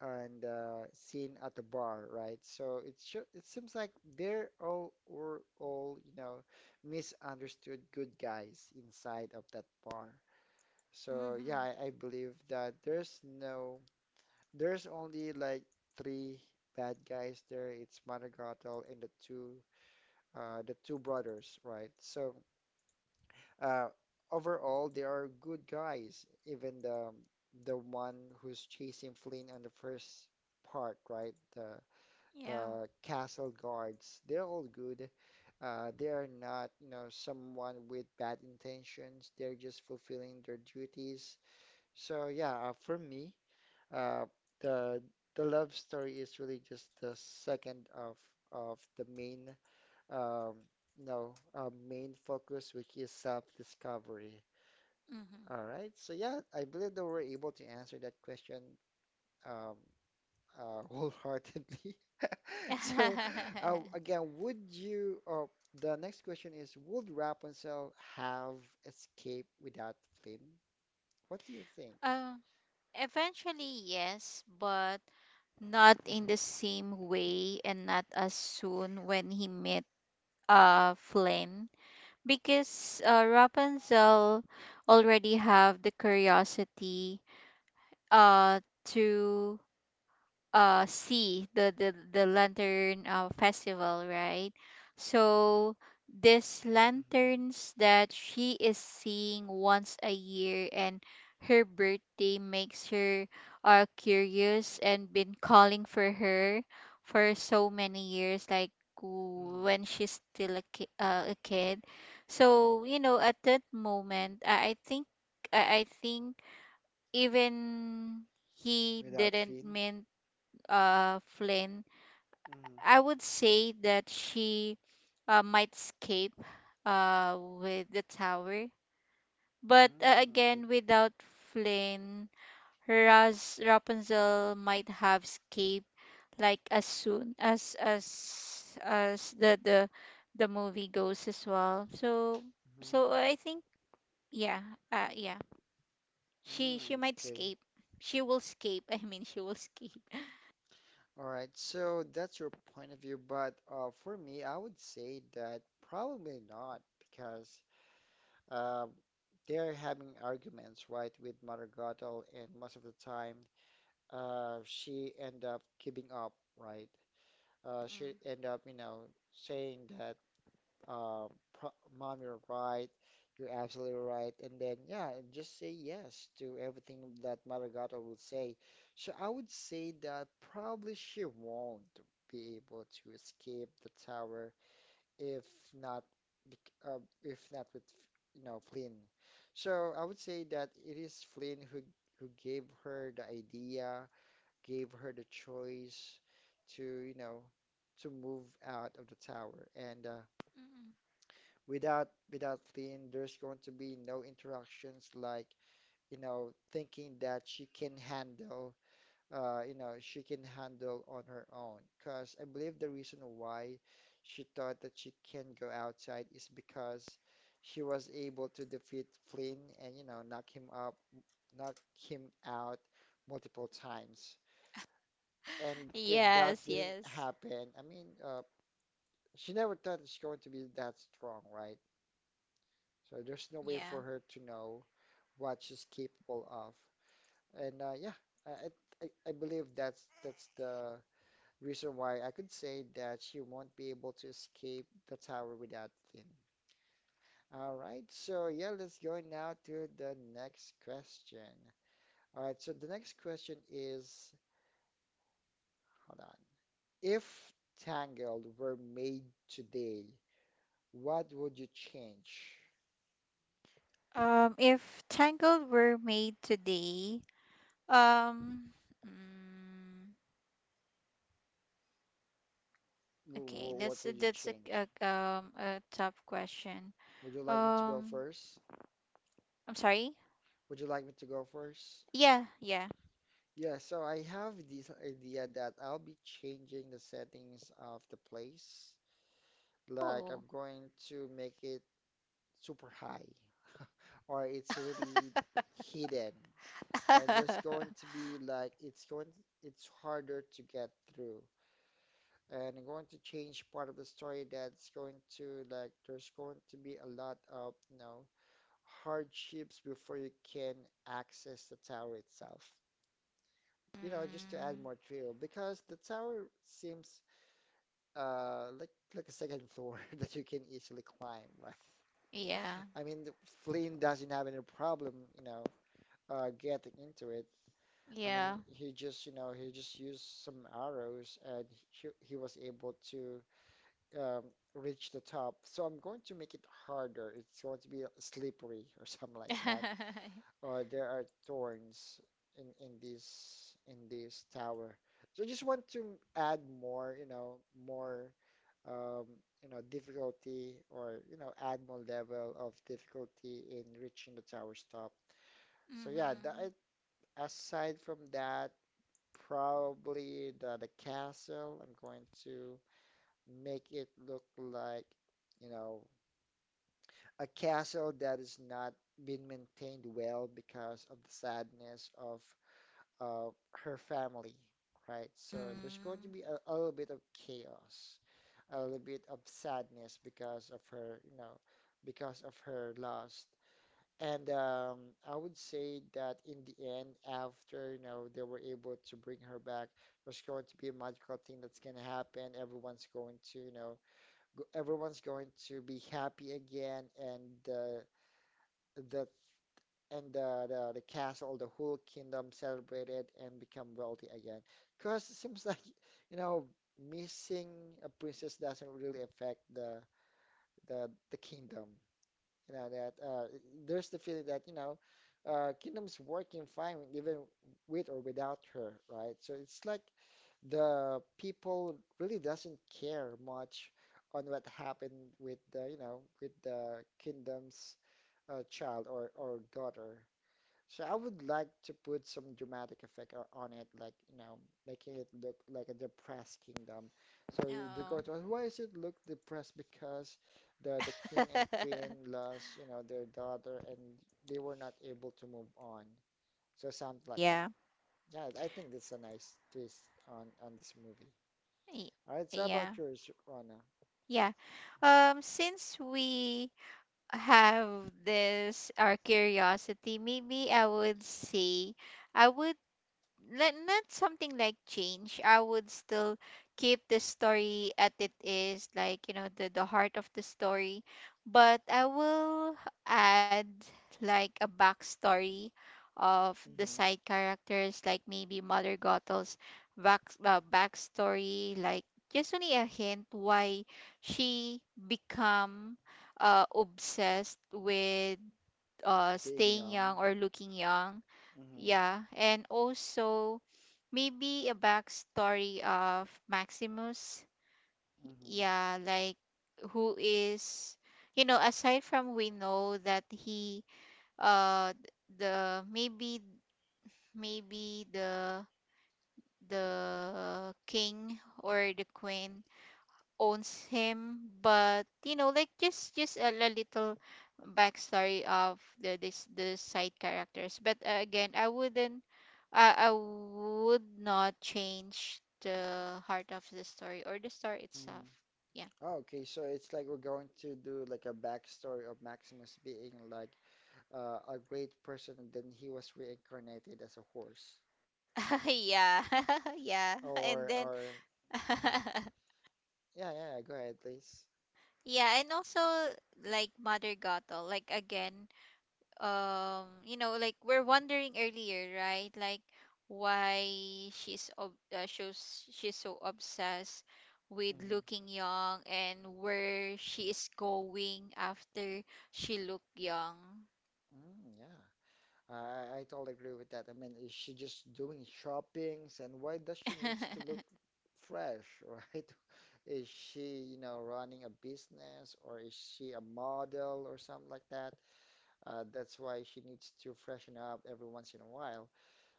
Speaker 1: and seen at the bar, right? So it seems like they're all were all, you know, misunderstood good guys inside of that bar. So yeah,
Speaker 2: Mm-hmm.
Speaker 1: I believe that there's no there's only like three bad guys there. It's Madrigal and the two brothers, right? So uh, overall they are good guys, even the one who's chasing Flynn on the first part, right?
Speaker 2: Yeah.
Speaker 1: The castle guards, they're all good. They are not, you know, someone with bad intentions. They're just fulfilling their duties. So yeah, for me, uh, the the love story is really just the second of the main, um, you know, main focus, which is self-discovery. All right. So yeah, I believe that we're able to answer that question, um, wholeheartedly. So,
Speaker 2: Mm-hmm.
Speaker 1: again, the next question is, would Rapunzel have escaped without Flynn? What do you think?
Speaker 2: um, Eventually, yes, but not in the same way and not as soon when he met Flynn because Rapunzel already have the curiosity uh to see the lantern festival right so these
Speaker 1: Hmm.
Speaker 2: lanterns that she is seeing once a year and her birthday makes her curious and been calling for her for so many years like
Speaker 1: Hmm.
Speaker 2: when she's still a, a kid so you know at that moment I think I think even he
Speaker 1: Without
Speaker 2: didn't
Speaker 1: Finn?
Speaker 2: mean Flynn,
Speaker 1: Hmm.
Speaker 2: I would say that she might escape with the tower. But
Speaker 1: Mm, okay.
Speaker 2: again, without Flynn, Raz Rapunzel might have escaped like as soon as as the the movie goes as well. So so
Speaker 1: Hmm.
Speaker 2: I think yeah yeah she
Speaker 1: Mm,
Speaker 2: might
Speaker 1: okay.
Speaker 2: escape. She will escape. I mean she will escape.
Speaker 1: All right. So that's your point of view, but for me, I would say that probably not because um, they're having arguments, right, with Mother Gothel, and most of the time she end up giving up, right?
Speaker 2: Mm.
Speaker 1: She end up, you know, saying that, uh, pro mom, you're right, you're absolutely right, and then yeah, and just say yes to everything that Maragato would say. So I would say that probably she won't be able to escape the tower if not, if not with, you know, Flynn. So I would say that it is Flynn who gave her the idea, gave her the choice to, you know, to move out of the tower. And
Speaker 2: Mm.
Speaker 1: without without Lynn, there's going to be no interactions like, you know, thinking that she can handle, you know, she can handle on her own. Because I believe the reason why she thought that she can go outside is because she was able to defeat Flynn and, you know, knock him out multiple times. And if that
Speaker 2: Yes,
Speaker 1: didn't
Speaker 2: yes,
Speaker 1: happen, I mean, she never thought it's going to be that strong, right? So there's no way for
Speaker 2: yeah.
Speaker 1: her to know what she's capable of. And yeah, I, I, I believe that's the reason why I could say that she won't be able to escape the tower without Flynn. All right, so yeah, let's go now to the next question. All right, so the next question is, hold on. If Tangled were made today, what would you change?
Speaker 2: If Tangled were made today, um, mm, okay,
Speaker 1: What
Speaker 2: that's
Speaker 1: would you
Speaker 2: that's
Speaker 1: change?
Speaker 2: a tough question.
Speaker 1: Would you like me to go
Speaker 2: Um,
Speaker 1: first?
Speaker 2: I'm sorry.
Speaker 1: Would you like me to go first?
Speaker 2: Yeah, yeah.
Speaker 1: Yeah, so I have this idea that I'll be changing the settings of the place. Like I'm
Speaker 2: Oh.
Speaker 1: going to make it super high, or it's really hidden, and there's going to be like it's harder to get through. And I'm going to change part of the story that's going to like there's going to be a lot of, you know, hardships before you can access the tower itself. You know, just to
Speaker 2: Mm,
Speaker 1: add more thrill, because the tower seems like a second floor that you can easily climb, right?
Speaker 2: yeah,
Speaker 1: I mean, Flynn doesn't have any problem, you know, getting into it. I mean,
Speaker 2: yeah.
Speaker 1: he just, you know, he just used some arrows and he was able to um reach the top. So I'm going to make it harder. It's going to be slippery or something like that, or there are thorns in in this tower. So I just want to add more um, you know, difficulty, or you know, add more level of difficulty in reaching the tower's top. So yeah,
Speaker 2: Mm-hmm.
Speaker 1: that aside from that, probably the castle, I'm going to make it look like, you know, a castle that is not been maintained well because of the sadness of uh, her family, right? So there's going to
Speaker 2: Mm.
Speaker 1: be a little bit of chaos, a little bit of sadness because of her, you know, because of her loss. And I would say that in the end, after, you know, they were able to bring her back, there's going to be a magical thing that's going to happen. Everyone's going to, you know, go, everyone's going to be happy again, and the and the, the castle, the whole kingdom celebrated and become wealthy again. Because it seems like you know missing a princess doesn't really affect the kingdom. You know that there's the feeling that you know kingdom's working fine even with or without her, right? So it's like the people really doesn't care much on what happened with the you know with the kingdom's child or daughter. So I would like to put some dramatic effect on it, like, you know, making it look like a depressed kingdom. So the gods
Speaker 2: Oh.
Speaker 1: are, why does it look depressed? Because the king and queen lost, you know, their daughter and they were not able to move on. So something like that.
Speaker 2: Yeah.
Speaker 1: Yeah, I think that's a nice twist on this movie.
Speaker 2: y-
Speaker 1: All right, so how about
Speaker 2: Yeah.
Speaker 1: yours, Rana?
Speaker 2: Yeah. Since we have this our curiosity, maybe I would say I would let not something like change. I would still keep the story at it is like you know the heart of the story, but I will add like a backstory of the
Speaker 1: Hmm.
Speaker 2: side characters, like maybe Mother Gothels backstory, like just only a hint why she become obsessed with
Speaker 1: Being
Speaker 2: staying
Speaker 1: young.
Speaker 2: young or looking young.
Speaker 1: Hmm.
Speaker 2: Yeah, and also maybe a backstory of Maximus.
Speaker 1: Hmm.
Speaker 2: Yeah, like who is, you know, aside from we know that he, uh, the maybe maybe the the king or the queen owns him but you know like just little backstory of the side characters but again I would not change the heart of the story or the story
Speaker 1: Hmm.
Speaker 2: itself. Yeah.
Speaker 1: Oh, okay, so it's like we're going to do like a backstory of Maximus being like a great person, and then he was reincarnated as a horse,
Speaker 2: Yeah. Yeah, and
Speaker 1: or
Speaker 2: then
Speaker 1: or mhm. Yeah, yeah, yeah, go ahead, please.
Speaker 2: yeah and also like Mother Gothel like again you know like we're wondering earlier right like why she's shows she's so obsessed with
Speaker 1: Hmm.
Speaker 2: looking young and where she is going after she look young.
Speaker 1: Mm, yeah, I totally agree with that. I mean, is she just doing shoppings, and why does she needs to look fresh, right? Is she, you know, running a business, or is she a model or something like that? That's why she needs to freshen up every once in a while.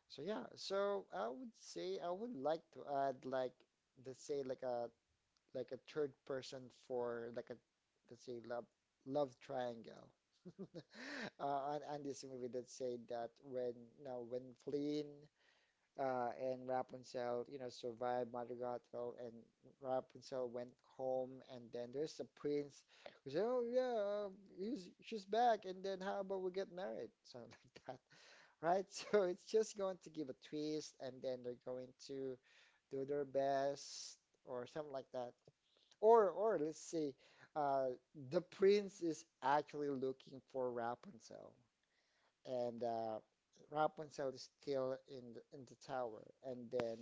Speaker 1: So yeah, so I would say I would like to add like let's say like a third person for like a let's say love love triangle on this movie that say that when now when Flynn and Rapunzel you know survived Madrigal and Rapunzel went home and then there's a prince who said oh yeah he's she's back and then how about we get married, something like, right? So it's just going to give a twist, and then they're going to do their best or something like that. Or let's see, uh, the prince is actually looking for Rapunzel, and Rapunzel is still in the tower, and then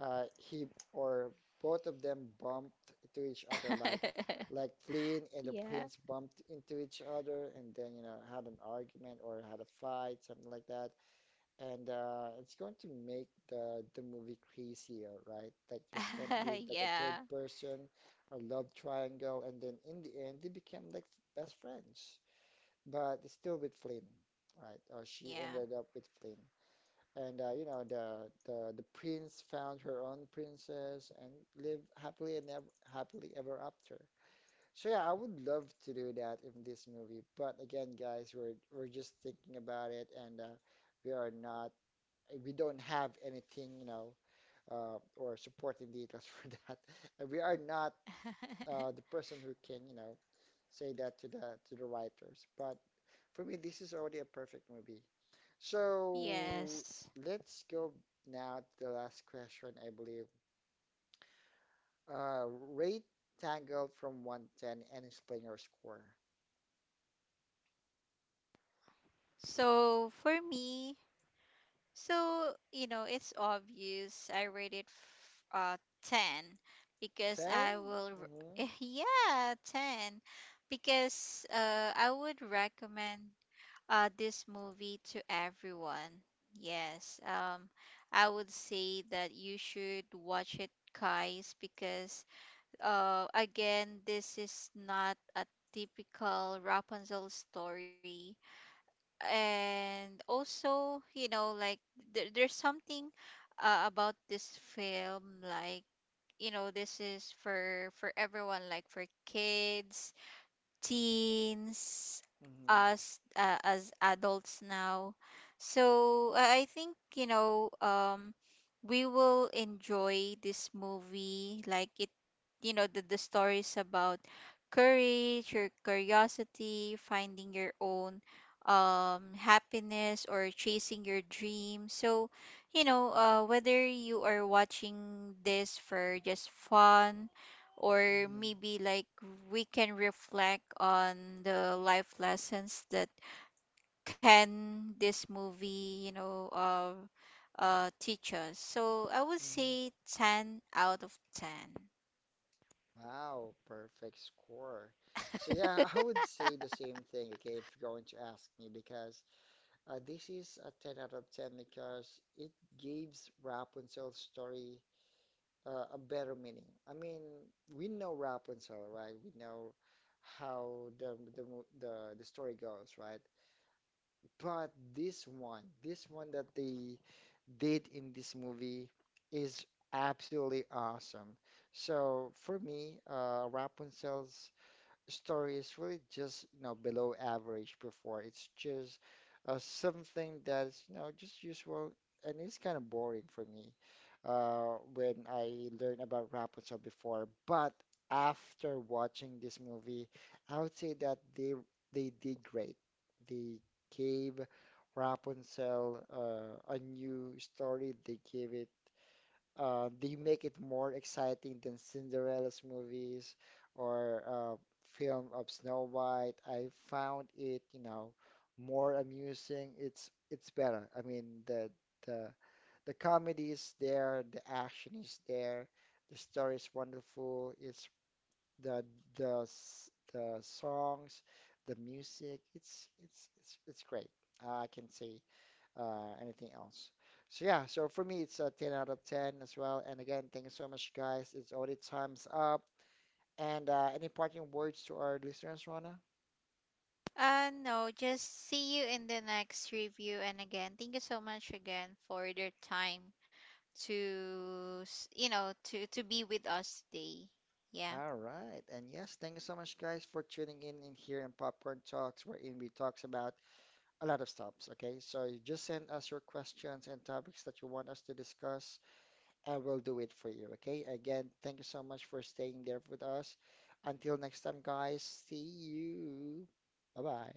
Speaker 1: he or both of them bumped into each other like. Like Flynn and the
Speaker 2: Yeah.
Speaker 1: prince bumped into each other and then, you know, had an argument or had a fight, something like that and it's going to make the movie crazier, right? Like there's going to be like a third
Speaker 2: Yeah.
Speaker 1: person, a love triangle, and then in the end they became like best friends, but it's still with Flynn, right? Or she ended
Speaker 2: Yeah.
Speaker 1: up with Flynn, and you know the prince found her own princess and lived happily and ever happily ever after. So yeah, I would love to do that in this movie, but again, guys, we're just thinking about it and. We are not eh, we don't have anything, you know, or supporting details for that. And we are not the person who can, you know, say that to the writers. But for me, this is already a perfect movie. So
Speaker 2: Yes.
Speaker 1: let's go now to the last question, I believe. Uh, Rate Tangled from 1 to 10 and explain your score.
Speaker 2: So for me, so, you know, it's obvious I rate it uh 10 because
Speaker 1: 10?
Speaker 2: I will
Speaker 1: Mm-hmm.
Speaker 2: yeah, 10 because I would recommend this movie to everyone. Yes. I would say that you should watch it guys because again this is not a typical Rapunzel story and also you know like there's something about this film like you know this is for everyone like for kids, teens,
Speaker 1: Mm-hmm.
Speaker 2: us as adults now so I think you know we will enjoy this movie like it you know the stories about courage or curiosity finding your own happiness or chasing your dream so you know whether you are watching this for just fun or
Speaker 1: Mm-hmm.
Speaker 2: maybe like we can reflect on the life lessons that can this movie you know teach us so I would
Speaker 1: Mm-hmm.
Speaker 2: say 10 out of 10.
Speaker 1: Wow, perfect score. So yeah, I would say the same thing, okay, if you're going to ask me, because this is a 10 out of 10 because it gives Rapunzel's story a better meaning. I mean, we know Rapunzel, right? We know how the story goes, right? But this one that they did in this movie is absolutely awesome. So for me, Rapunzel's story is really just, you know, below average before. It's just something that's, you know, just usual and it's kind of boring for me when I learned about Rapunzel before. But after watching this movie, I would say that they did great. They gave Rapunzel a new story. They gave it they make it more exciting than Cinderella's movies or film of Snow White. I found it, you know, more amusing. It's better. I mean, the the comedy is there, the action is there, the story is wonderful. It's the the songs, the music. It's great. I can say anything else. So yeah, so for me it's a 10 out of 10 as well. And again, thank you so much, guys. It's already time's up. And any parting words to our listeners, Rona?
Speaker 2: No, just see you in the next review and again thank you so much again for your time to you know to be with us today. Yeah.
Speaker 1: All right. And yes, thank you so much, guys, for tuning in here in Popcorn Talks, wherein we talks about a lot of stuffs. Okay, so you just send us your questions and topics that you want us to discuss, and we'll do it for you. Okay. Again, thank you so much for staying there with us. Until next time, guys. See you. Bye bye.